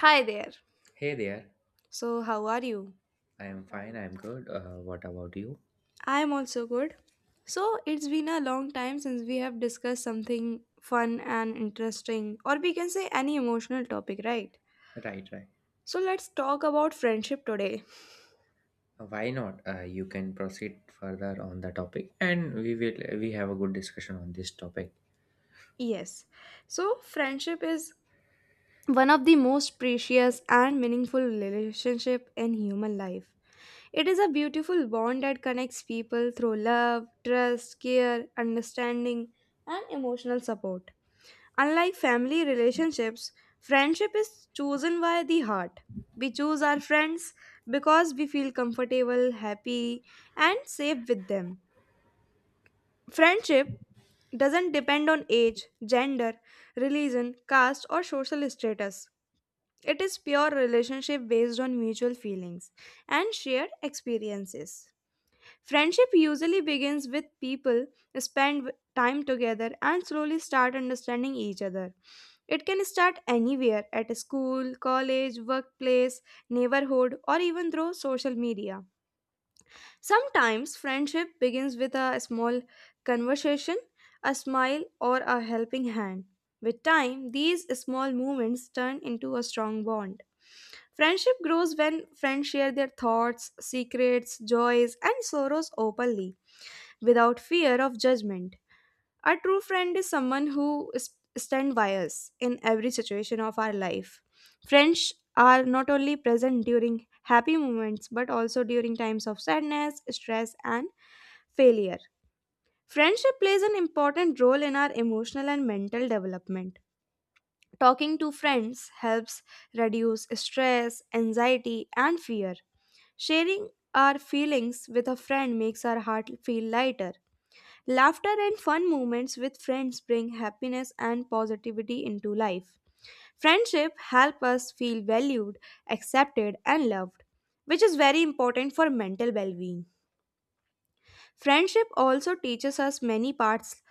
Hi there. Hey there, So, how are you? I am fine, I'm good. What about you? I'm also good. So, it's been a long time since we have discussed something fun and interesting, or we can say any emotional topic, right? Right, right. So, let's talk about friendship today. Why not? You can proceed further on the topic and we have a good discussion on this topic. Yes. So, friendship is one of the most precious and meaningful relationship in human life. It is a beautiful bond that connects people through love, trust, care, understanding, and emotional support. Unlike family relationships, friendship is chosen by the heart. We choose our friends because we feel comfortable, happy, and safe with them. Friendship doesn't depend on age, gender, religion, caste, or social status. It is pure relationship based on mutual feelings and shared experiences. Friendship usually begins with people time together and slowly start understanding each other. It can start anywhere at school, college, workplace, neighborhood, or even through social media. Sometimes friendship begins with a small conversation, a smile, or a helping hand. With time, these small movements turn into a strong bond. Friendship grows when friends share their thoughts, secrets, joys, and sorrows openly without fear of judgment. A true friend is someone who is stands by us in every situation of our life. Friends are not only present during happy moments but also during times of sadness, stress, and failure. Friendship plays an important role in our emotional and mental development. Talking to friends helps reduce stress, anxiety, and fear. Sharing our feelings with a friend makes our heart feel lighter. Laughter and fun moments with friends bring happiness and positivity into life. Friendship help us feel valued, accepted and loved, which is very important for mental well-being. Friendship also teaches us many parts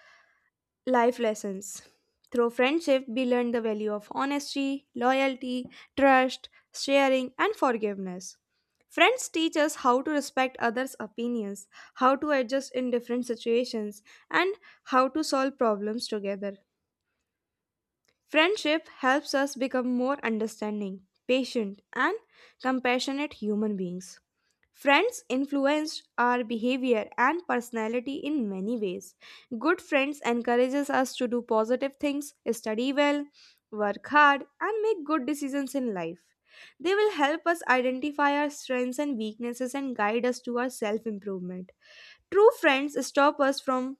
life lessons. Through friendship, we learn the value of honesty, loyalty, trust, sharing, and forgiveness. Friends teach us how to respect others' opinions, how to adjust in different situations, and how to solve problems together. Friendship helps us become more understanding, patient, and compassionate human beings. Friends influence our behavior and personality in many ways. Good friends encourages us to do positive things, study well, work hard and make good decisions in life. They will help us identify our strengths and weaknesses and guide us to our self improvement. True friends stop us from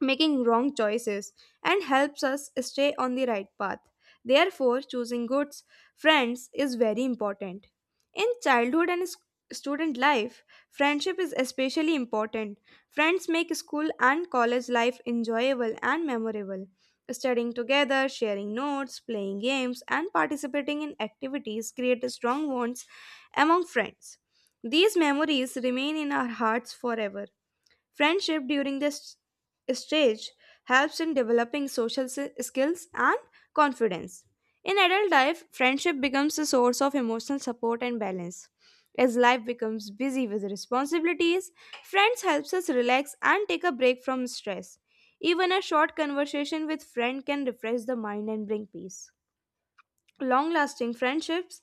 making wrong choices and helps us stay on the right path. Therefore, choosing good friends is very important. In childhood and student life, friendship is especially important. Friends make school and college life enjoyable and memorable. Studying together, sharing notes, playing games, and participating in activities create strong bonds among friends. These memories remain in our hearts forever. Friendship during this stage helps in developing social skills and confidence. In adult life, friendship becomes a source of emotional support and balance. As life becomes busy with responsibilities, friends helps us relax and take a break from stress. Even a short conversation with friend can refresh the mind and bring peace. Long-lasting friendships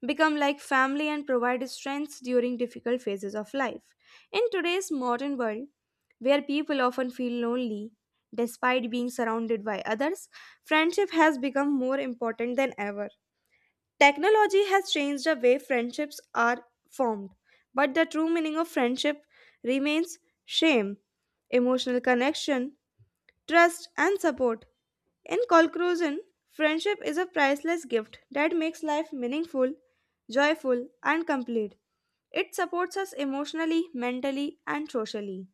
become like family and provide strength during difficult phases of life. In today's modern world, where people often feel lonely despite being surrounded by others, friendship has become more important than ever. Technology has changed the way friendships are formed, but the true meaning of friendship remains shame, emotional connection, trust, and support. In conclusion, friendship is a priceless gift that makes life meaningful, joyful, and complete. It supports us emotionally, mentally, and socially.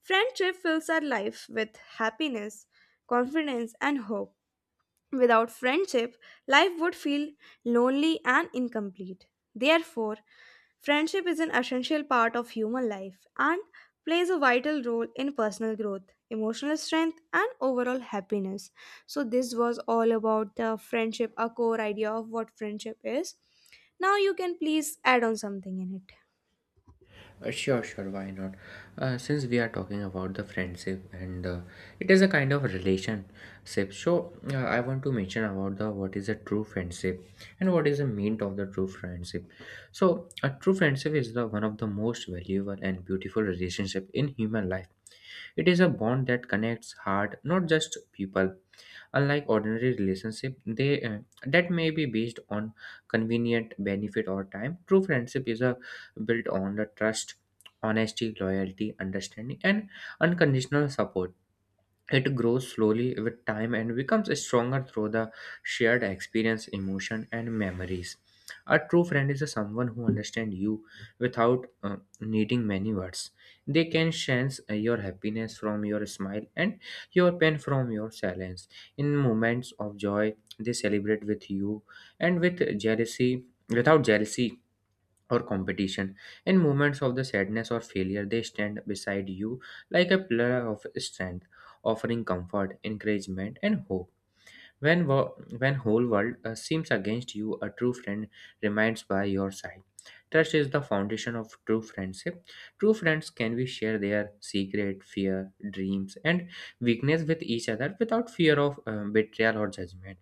Friendship fills our life with happiness, confidence, and hope. Without friendship, life would feel lonely and incomplete. Therefore, friendship is an essential part of human life and plays a vital role in personal growth, emotional strength, and overall happiness. So, this was all about the friendship, a core idea of what friendship is. Now, you can please add on something in it. Sure, why not? Since we are talking about the friendship and it is a kind of relationship. So I want to mention about the what is a true friendship, and what is the mean of the true friendship. So a true friendship is the one of the most valuable and beautiful relationship in human life. It is a bond that connects heart, not just people. Unlike ordinary relationship, they that may be based on convenient benefit or time. True friendship is a built on the trust, honesty, loyalty, understanding, and unconditional support. It grows slowly with time and becomes stronger through the shared experience, emotion, and memories. A true friend is someone who understands you without needing many words. They can sense your happiness from your smile and your pain from your silence. In moments of joy, they celebrate with you without jealousy or competition. In moments of the sadness or failure, they stand beside you like a pillar of strength, offering comfort, encouragement, and hope. When whole world seems against you, a true friend remains by your side. Trust is the foundation of true friendship. True friends can we share their secret, fear, dreams, and weakness with each other without fear of betrayal or judgment.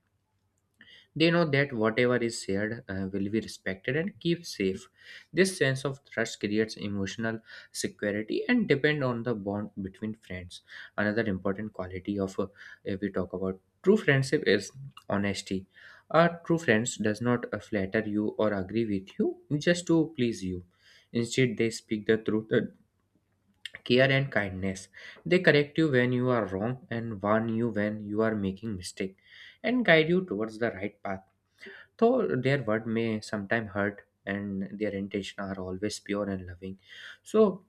They know that whatever is shared will be respected and kept safe. This sense of trust creates emotional security and depend on the bond between friends. Another important quality of if we talk about true friendship is honesty. A true friends does not flatter you or agree with you just to please you. Instead, they speak the truth, care and kindness. They correct you when you are wrong and warn you when you are making mistake and guide you towards the right path, though their word may sometimes hurt and their intention are always pure and loving. So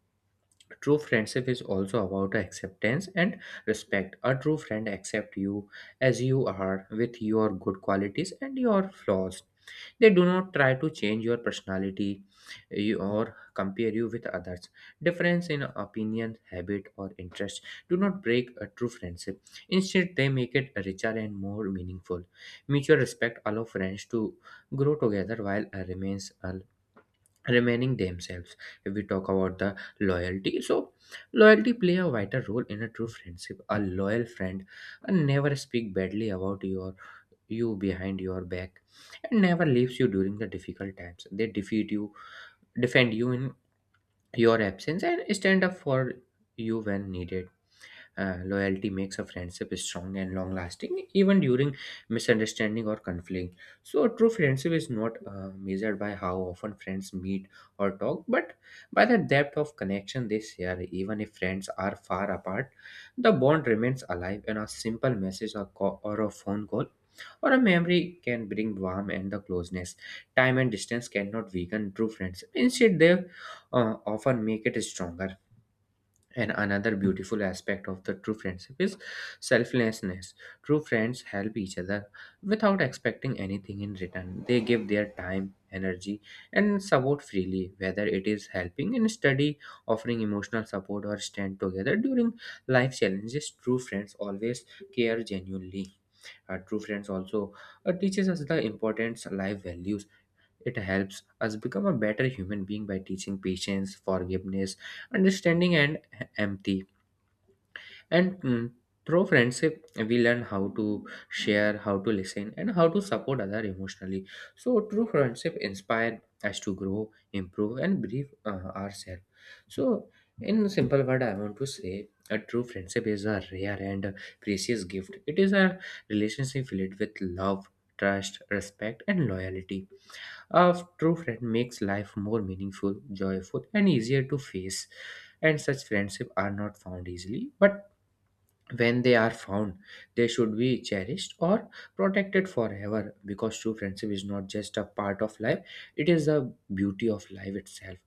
true friendship is also about acceptance and respect. A true friend accepts you as you are with your good qualities and your flaws. They do not try to change your personality or compare you with others. Difference in opinion, habit, or interest do not break a true friendship. Instead, they make it richer and more meaningful. Mutual respect allows friends to grow together while eh, remains alive remaining themselves. If we talk about the loyalty, so loyalty play a vital role in a true friendship. A loyal friend never speak badly about you behind your back and never leaves you during the difficult times. They defeat you defend you in your absence and stand up for you when needed. Loyalty makes a friendship strong and long lasting, even during misunderstanding or conflict. So, a true friendship is not measured by how often friends meet or talk, but by the depth of connection they share. Even if friends are far apart, the bond remains alive, and a simple message or a phone call or a memory can bring warmth and the closeness. Time and distance cannot weaken true friendship, instead, they often make it stronger. And another beautiful aspect of the true friendship is selflessness. True friends help each other without expecting anything in return. They give their time, energy, and support freely, whether it is helping in study, offering emotional support, or stand together during life challenges. True friends always care genuinely. True friends also teaches us the importance life values. It helps us become a better human being by teaching patience, forgiveness, understanding, and empathy. And mm, Through friendship, we learn how to share, how to listen, and how to support other emotionally. So, true friendship inspire us to grow, improve, and believe ourselves. So, in simple word, I want to say a true friendship is a rare and precious gift. It is a relationship filled with love, trust, respect, and loyalty. A true friend makes life more meaningful, joyful, and easier to face. And such friendships are not found easily, but when they are found, they should be cherished or protected forever, because true friendship is not just a part of life, it is the beauty of life itself.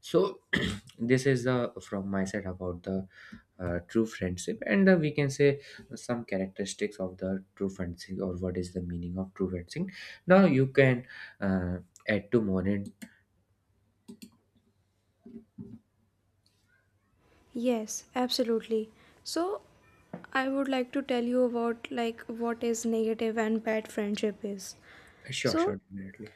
So this is the from my side about the true friendship, and we can say some characteristics of the true friendship or what is the meaning of true friendship. Now you can uh, add to more in. Yes, absolutely. So, I would like to tell you about like what is negative and bad friendship is. sure So, sure definitely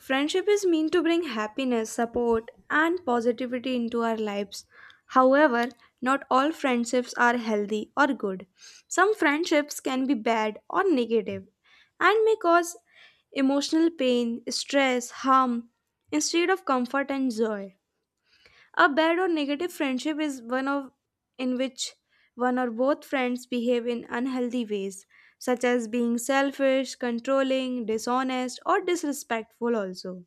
friendship is meant to bring happiness, support, and positivity into our lives. However, not all friendships are healthy or good. Some friendships can be bad or negative and may cause emotional pain, stress, harm instead of comfort and joy. A bad or negative friendship is one of in which one or both friends behave in unhealthy ways such as being selfish, controlling, dishonest or disrespectful also.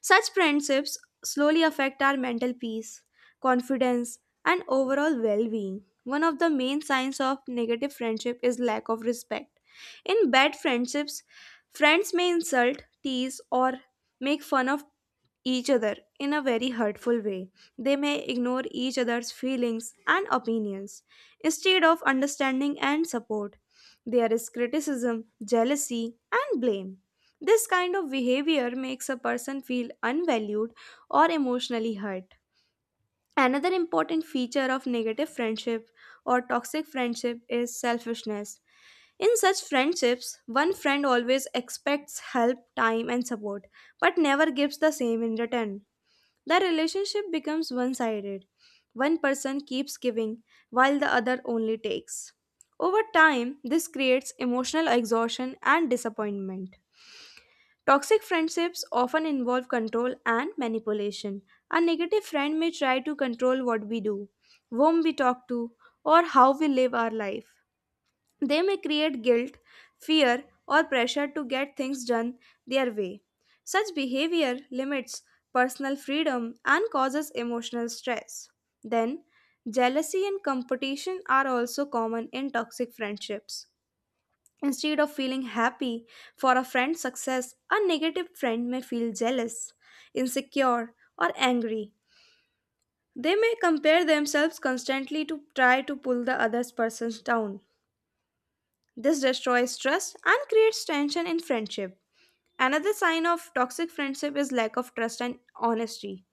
Such friendships slowly affect our mental peace, confidence, and overall well being. One of the main signs of negative friendship is lack of respect. In bad friendships, friends may insult, tease, or make fun of each other in a very hurtful way. They may ignore each other's feelings and opinions instead of understanding and support. There is criticism, jealousy, and blame. This kind of behavior makes a person feel unvalued or emotionally hurt. Another important feature of negative friendship or toxic friendship is selfishness. In such friendships, one friend always expects help, time, and support, but never gives the same in return. The relationship becomes one sided. One person keeps giving while the other only takes. Over time, this creates emotional exhaustion and disappointment. Toxic friendships often involve control and manipulation. A negative friend may try to control what we do, whom we talk to, or how we live our life. They may create guilt, fear, or pressure to get things done their way. Such behavior limits personal freedom and causes emotional stress. Then, jealousy and competition are also common in toxic friendships. Instead of feeling happy for a friend's success, a negative friend may feel jealous, insecure, or angry. They may compare themselves constantly to try to pull the other person down. This destroys trust and creates tension in friendship. Another sign of toxic friendship is lack of trust and honesty.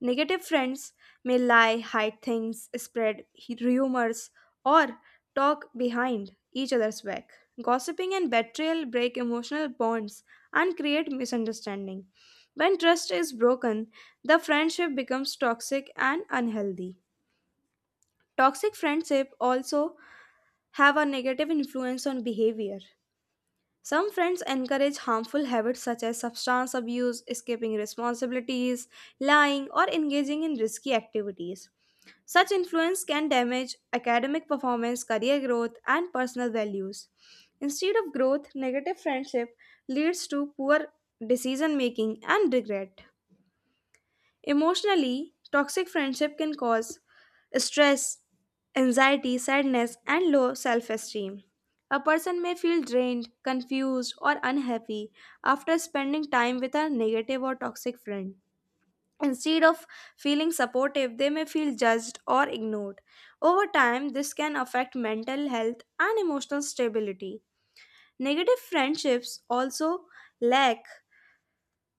Negative friends may lie, hide things, spread rumors, or talk behind each other's back. Gossiping and betrayal break emotional bonds and create misunderstanding. When trust is broken, the friendship becomes toxic and unhealthy. Toxic friendship also have a negative influence on behavior. Some friends encourage harmful habits such as substance abuse, escaping responsibilities, lying, or engaging in risky activities. Such influence can damage academic performance, career growth, and personal values. Instead of growth, negative friendship leads to poor decision making and regret. Emotionally, toxic friendship can cause stress, anxiety, sadness, and low self esteem. A person may feel drained, confused, or unhappy after spending time with a negative or toxic friend. Instead of feeling supportive, they may feel judged or ignored. Over time, this can affect mental health and emotional stability. Negative friendships also lack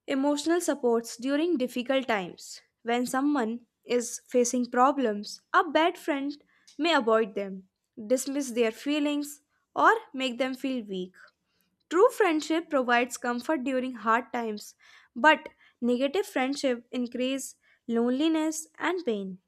emotional supports during difficult times. When someone is facing problems, a bad friend may avoid them, dismiss their feelings, or make them feel weak. True friendship provides comfort during hard times, but negative friendship increase loneliness and pain.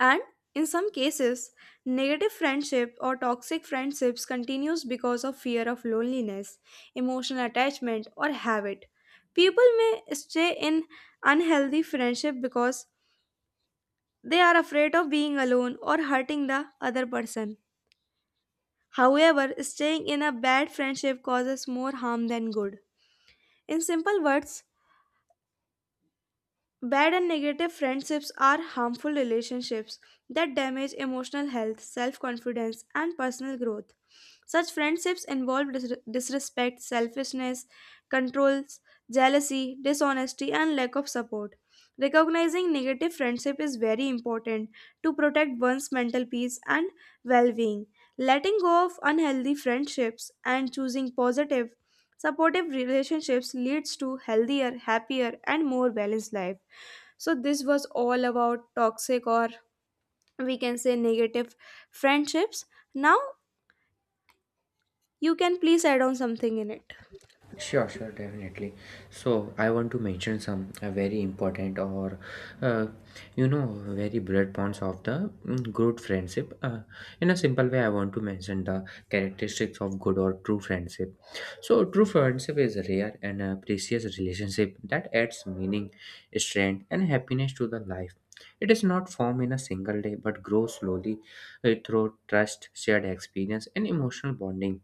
And in some cases, negative friendship or toxic friendships continues because of fear of loneliness, emotional attachment or habit. People may stay in unhealthy friendship because they are afraid of being alone or hurting the other person. However, staying in a bad friendship causes more harm than good. In simple words, bad and negative friendships are harmful relationships that damage emotional health, self confidence, and personal growth. Such friendships involve disrespect, selfishness, controls, jealousy, dishonesty, and lack of support. Recognizing negative friendship is very important to protect one's mental peace and well being. Letting go of unhealthy friendships and choosing positive, supportive relationships leads to healthier, happier, and more balanced life. So this was all about toxic or we can say negative friendships. Now you can please add on something in it. Sure, sure, definitely. So I want to mention some very important or uh, you know very broad points of the good friendship. In a simple way, I want to mention the characteristics of good or true friendship. So true friendship is a rare and a precious relationship that adds meaning, strength, and happiness to the life. It is not formed in a single day, but grows slowly through trust, shared experience, and emotional bonding.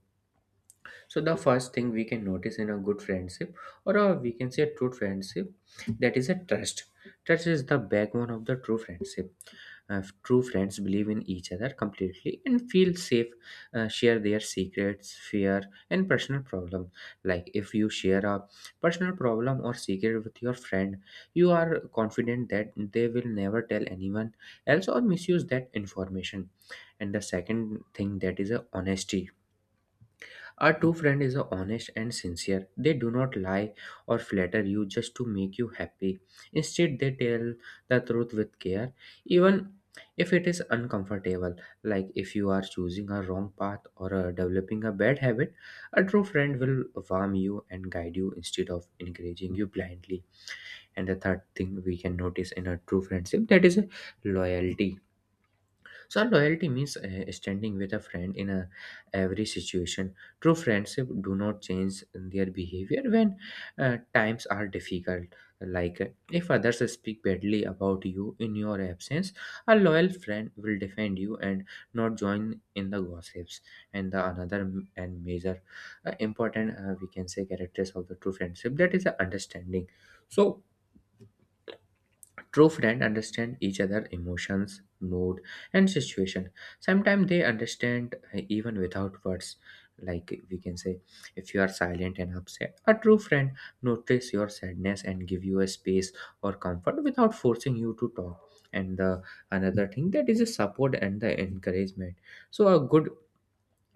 So the first thing we can notice in a good friendship, or a, we can say a true friendship, that is a trust. Trust is the backbone of the true friendship. True friends believe in each other completely and feel safe, share their secrets, fear, and personal problem. Like if you share a personal problem or secret with your friend, you are confident that they will never tell anyone else or misuse that information. And the second thing, that is a honesty. A true friend is honest and sincere. They do not lie or flatter you just to make you happy. Instead, they tell the truth with care, even if it is uncomfortable. Like if you are choosing a wrong path or developing a bad habit, a true friend will warm you and guide you instead of encouraging you blindly. And the third thing we can notice in a true friendship, that is loyalty. So loyalty means standing with a friend in a, every situation. True friendship do not change their behavior when times are difficult. Like if others speak badly about you in your absence, a loyal friend will defend you and not join in the gossips. And the another m- and major important, we can say characters of the true friendship, that is understanding. So true friends understand each other emotions, mood, and situation. Sometimes they understand even without words. Like we can say, if you are silent and upset, a true friend notice your sadness and give you a space or comfort without forcing you to talk. And the another thing, that is a support and the encouragement. So a good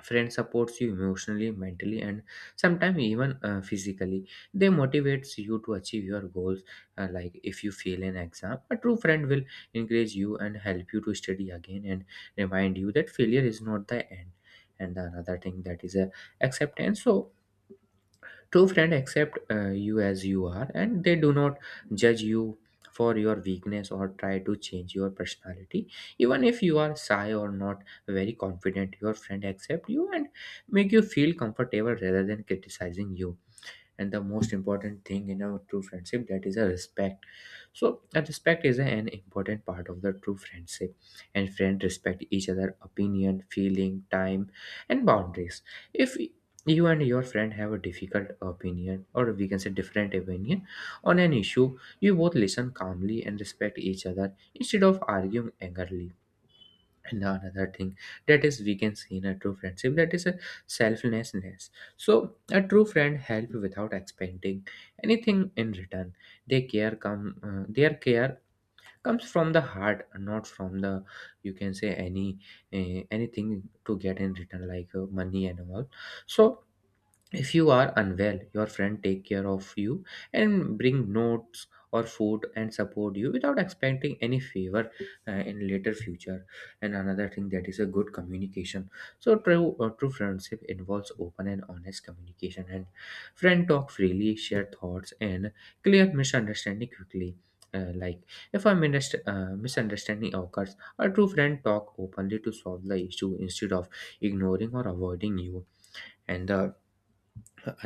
friend supports you emotionally, mentally, and sometimes even physically. They motivates you to achieve your goals. Like if you fail an exam, a true friend will encourage you and help you to study again and remind you that failure is not the end. And the another thing, that is a acceptance. So true friends accept you as you are, and they do not judge you for your weakness or try to change your personality. Even if you are shy or not very confident, your friend accept you and make you feel comfortable rather than criticizing you. And the most important thing in a true friendship, that is a respect. So a respect is an important part of the true friendship, and friends respect each other opinion, feeling, time, and boundaries. If you and your friend have a difficult opinion, or we can say different opinion on an issue, you both listen calmly and respect each other instead of arguing angrily. And the another thing that is we can see in a true friendship, that is a selflessness. So a true friend help without expecting anything in return. They care come Their care comes from the heart, not from the, you can say any anything to get in return, like money and all. So if you are unwell, your friend take care of you and bring notes or food and support you without expecting any favor in later future. And another thing, that is a good communication. So true friendship involves open and honest communication, and friend talk freely, share thoughts and clear misunderstanding quickly. Like, if a misunderstanding occurs, a true friend talk openly to solve the issue instead of ignoring or avoiding you. And the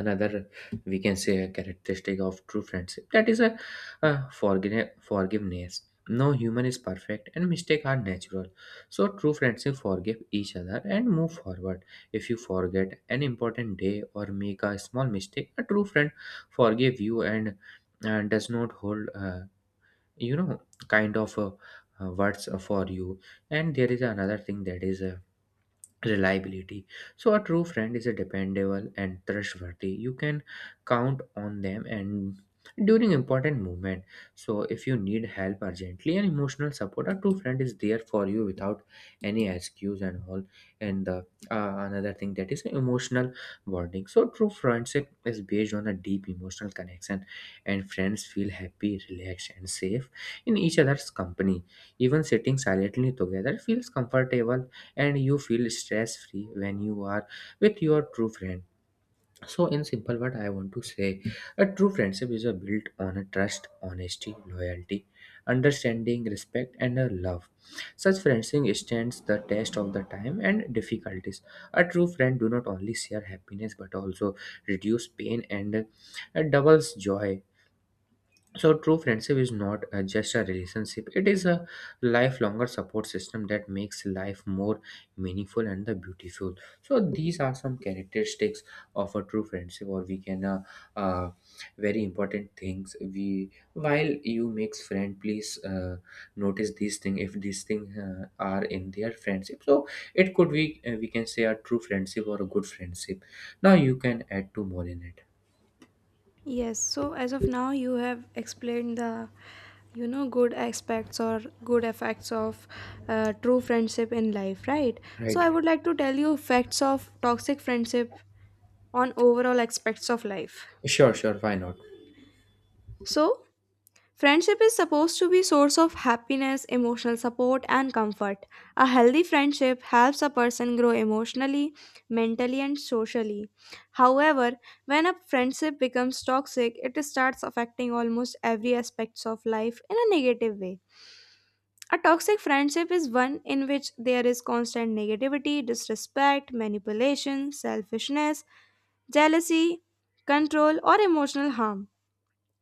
another, we can say, a characteristic of true friendship, that is forgiveness. No human is perfect and mistakes are natural, so true friendship forgive each other and move forward. If you forget an important day or make a small mistake, a true friend forgive you and does not hold you know kind of uh, words for you. And there is another thing, that is reliability. So a true friend is a dependable and trustworthy, you can count on them and during important moment. So if you need help urgently and emotional support, a true friend is there for you without any excuse and all. And the another thing, that is emotional bonding. So true friendship is based on a deep emotional connection, and friends feel happy, relaxed and safe in each other's company. Even sitting silently together feels comfortable, and you feel stress free when you are with your true friend. So in simple, what I want to say, a true friendship is a built on a trust, honesty, loyalty, understanding, respect and a love. Such friendship stands the test of the time and difficulties. A true friend do not only share happiness but also reduce pain and doubles joy. So true friendship is not just a relationship, it is a lifelonger support system that makes life more meaningful and the beautiful. So these are some characteristics of a true friendship, or we can uh, very important things we while you makes friend, please notice these thing. If these thing are in their friendship, so it could be we can say a true friendship or a good friendship. Now you can add two more in it. Yes, so as of now you have explained the good aspects or good effects of true friendship in life, right? So Right. I would like to tell you facts of toxic friendship on overall aspects of life. Sure, sure, why not? So friendship is supposed to be source of happiness, emotional support and comfort. A healthy friendship helps a person grow emotionally, mentally and socially. However, when a friendship becomes toxic, it starts affecting almost every aspects of life in a negative way. A toxic friendship is one in which there is constant negativity, disrespect, manipulation, selfishness, jealousy, control or emotional harm.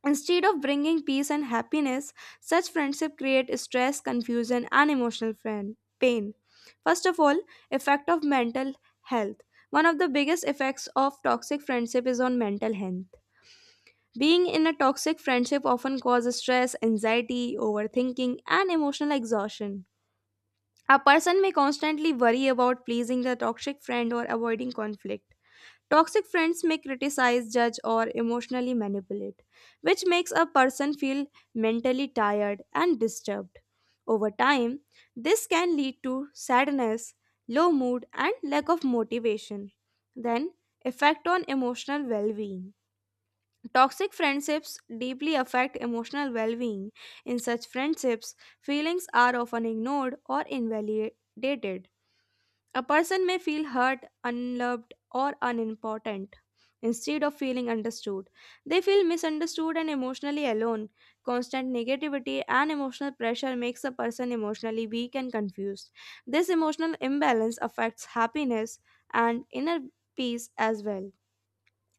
Instead of bringing peace and happiness, such friendship create stress, confusion, and emotional friend, pain. First of all, effect of mental health. One of the biggest effects of toxic friendship is on mental health. Being in a toxic friendship often causes stress, anxiety, overthinking, and emotional exhaustion. A person may constantly worry about pleasing the toxic friend or avoiding conflict. Toxic friends may criticize, judge, or emotionally manipulate, which makes a person feel mentally tired and disturbed. Over time, this can lead to sadness, low mood, and lack of motivation. Then, effect on emotional well being. Toxic friendships deeply affect emotional well being. In such friendships, feelings are often ignored or invalidated. A person may feel hurt, unloved, or unimportant. Instead of feeling understood, they feel misunderstood and emotionally alone. Constant negativity and emotional pressure makes a person emotionally weak and confused. This emotional imbalance affects happiness and inner peace as well.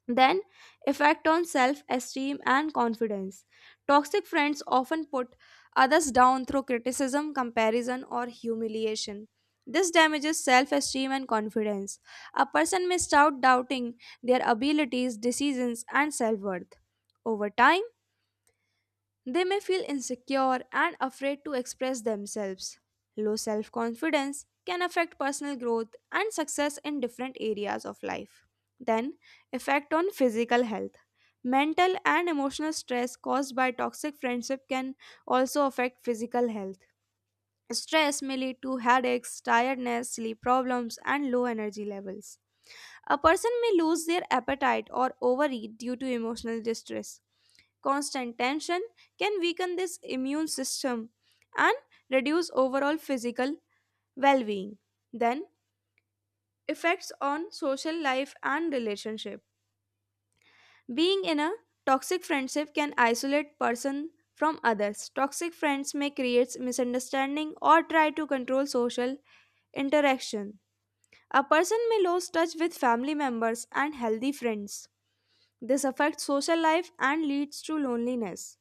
Then, effect on self esteem and confidence. Toxic friends often put others down through criticism, comparison, or humiliation. This damages self esteem and confidence. A person may start doubting their abilities, decisions, and self worth. Over time, they may feel insecure and afraid to express themselves. Low self confidence can affect personal growth and success in different areas of life. Then, effect on physical health. Mental and emotional stress caused by toxic friendship can also affect physical health. Stress may lead to headaches, tiredness, sleep problems, and low energy levels. A person may lose their appetite or overeat due to emotional distress. Constant tension can weaken this immune system and reduce overall physical well being. Then, effects on social life and relationship. Being in a toxic friendship can isolate person from others. Toxic friends may create misunderstanding or try to control social interaction. A person may lose touch with family members and healthy friends. This affects social life and leads to loneliness.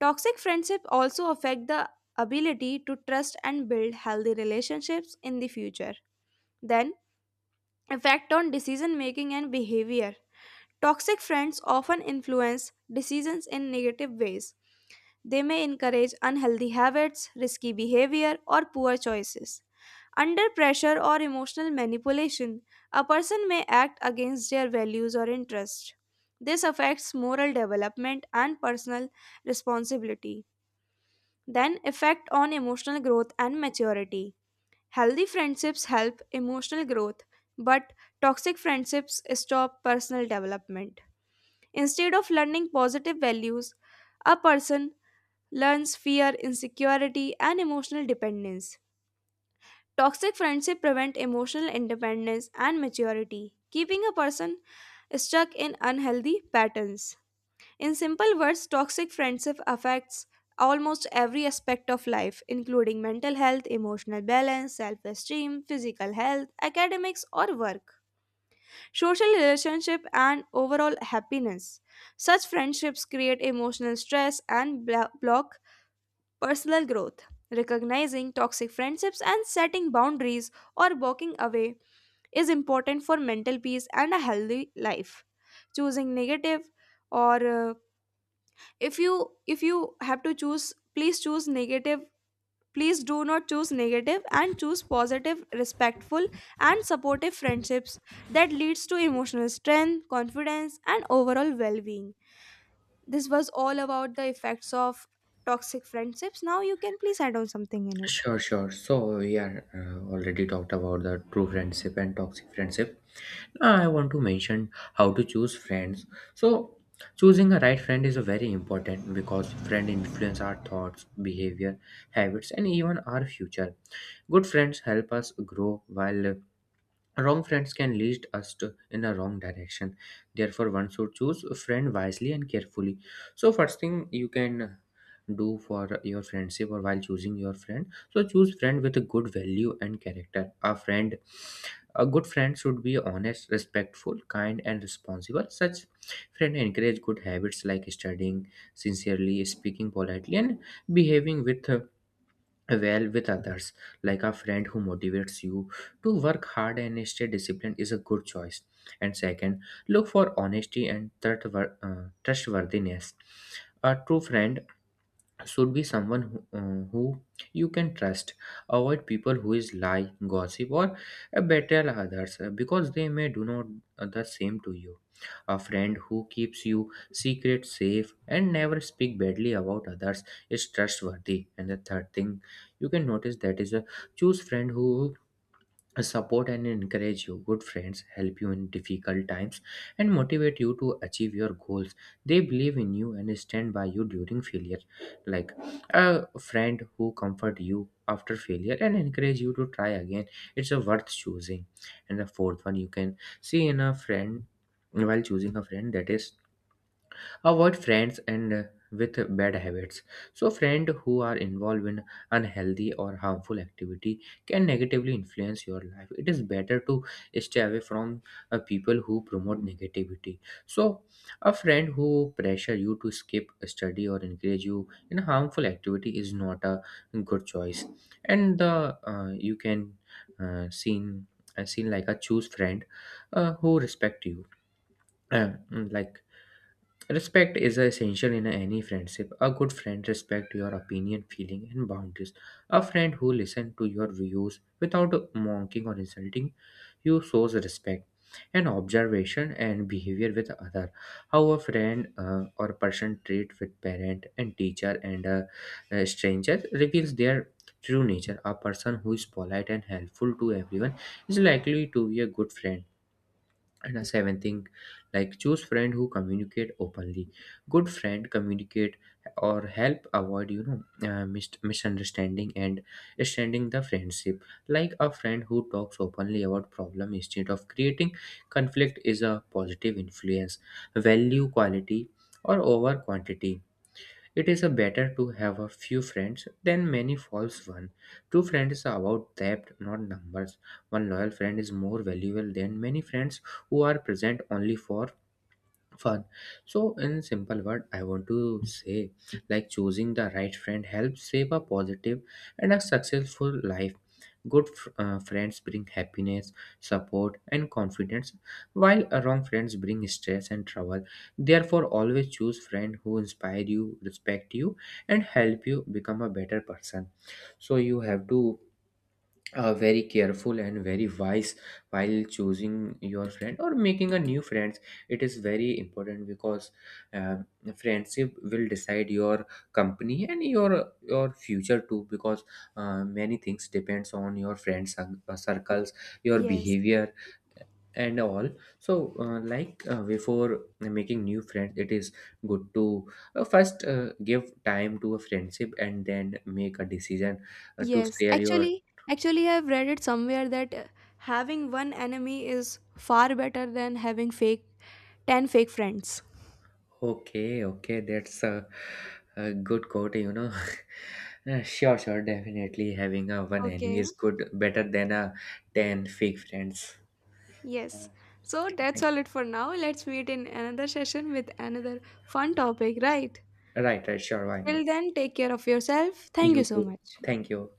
Toxic friendship also affect the ability to trust and build healthy relationships in the future. Then, effect on decision making and behavior. Toxic friends often influence decisions in negative ways. They may encourage unhealthy habits, risky behavior, or poor choices. Under pressure or emotional manipulation, a person may act against their values or interests. This affects moral development and personal responsibility. Then, effect on emotional growth and maturity. Healthy friendships help emotional growth, but toxic friendships stop personal development. Instead of learning positive values, a person learns fear, insecurity, and emotional dependence. Toxic friendship prevent emotional independence and maturity, keeping a person stuck in unhealthy patterns. In simple words, toxic friendship affects almost every aspect of life, including mental health, emotional balance, self esteem, physical health, academics, or work, social relationship, and overall happiness. Such friendships create emotional stress and block personal growth. Recognizing toxic friendships and setting boundaries or walking away is important for mental peace and a healthy life. Choosing negative or if you if you have to choose, please choose negative, please do not choose negative and choose positive, respectful and supportive friendships that leads to emotional strength, confidence and overall well-being. This was all about the effects of toxic friendships. Now you can please add on something in it. Sure, sure. So we are already talked about the true friendship and toxic friendship. I want to mention how to choose friends. So choosing a right friend is a very important, because friend influence our thoughts, behavior, habits, and even our future. Good friends help us grow, while wrong friends can lead us to in a wrong direction. Therefore, one should choose a friend wisely and carefully. So, first thing you can do for your friendship, or while choosing your friend, so choose friend with a good value and character. A friend, a good friend should be honest, respectful, kind and responsible. Such friend encourage good habits like studying sincerely, speaking politely and behaving with well with others. Like, a friend who motivates you to work hard and stay disciplined is a good choice. And second, look for honesty and third, trustworthiness. A true friend should be someone who you can trust. Avoid people who is lie, gossip or betray others, because they may do not the same to you. A friend who keeps you secret safe and never speak badly about others is trustworthy. And the third thing you can notice, that is a choose friend who support and encourage you. Good friends help you in difficult times and motivate you to achieve your goals. They believe in you and stand by you during failure. Like, a friend who comfort you after failure and encourage you to try again, it's a worth choosing. And the fourth one you can see in a friend while choosing a friend, that is avoid friends and with bad habits. So friends who are involved in unhealthy or harmful activity can negatively influence your life. It is better to stay away from people who promote negativity. So a friend who pressure you to skip study or encourage you in a harmful activity is not a good choice. And the you can uh, seen seen like a choose friend who respect you. Like, respect is essential in any friendship. A good friend respects your opinion, feeling, and boundaries. A friend who listens to your views without mocking or insulting you shows respect. And observation and behavior with other, how a friend or person treat with parent and teacher and stranger reveals their true nature. A person who is polite and helpful to everyone is likely to be a good friend. And a seventh thing, like, choose friend who communicate openly. Good friend communicate or help avoid misunderstanding and extending the friendship. Like, a friend who talks openly about problem instead of creating conflict is a positive influence. Value quality or over quantity, it is a better to have a few friends than many false ones. True friends are about depth, not numbers. One loyal friend is more valuable than many friends who are present only for fun. So, in simple word, I want to say, like, choosing the right friend helps shape a positive and a successful life. Friends bring happiness, support, and confidence, while wrong friends bring stress and trouble. Therefore, always choose friends who inspire you, respect you, and help you become a better person. So you have to very careful and very wise while choosing your friend or making a new friends. It is very important, because uh, friendship will decide your company and your future too, because many things depends on your friends circles, your Yes. behavior and all. So like, before making new friends, it is good to first give time to a friendship and then make a decision to Yes. share your. Actually, I've read it somewhere that having one enemy is far better than having fake 10 fake friends. Okay, okay, that's a good quote, you know. Sure, sure, definitely having a one enemy Okay. is good, better than a ten fake friends. Uh, Yes. So that's thank- all it for now. Let's meet in another session with another fun topic, right? right, right, sure, why not? Till then, take care of yourself. Thank you You so too. much. Thank you.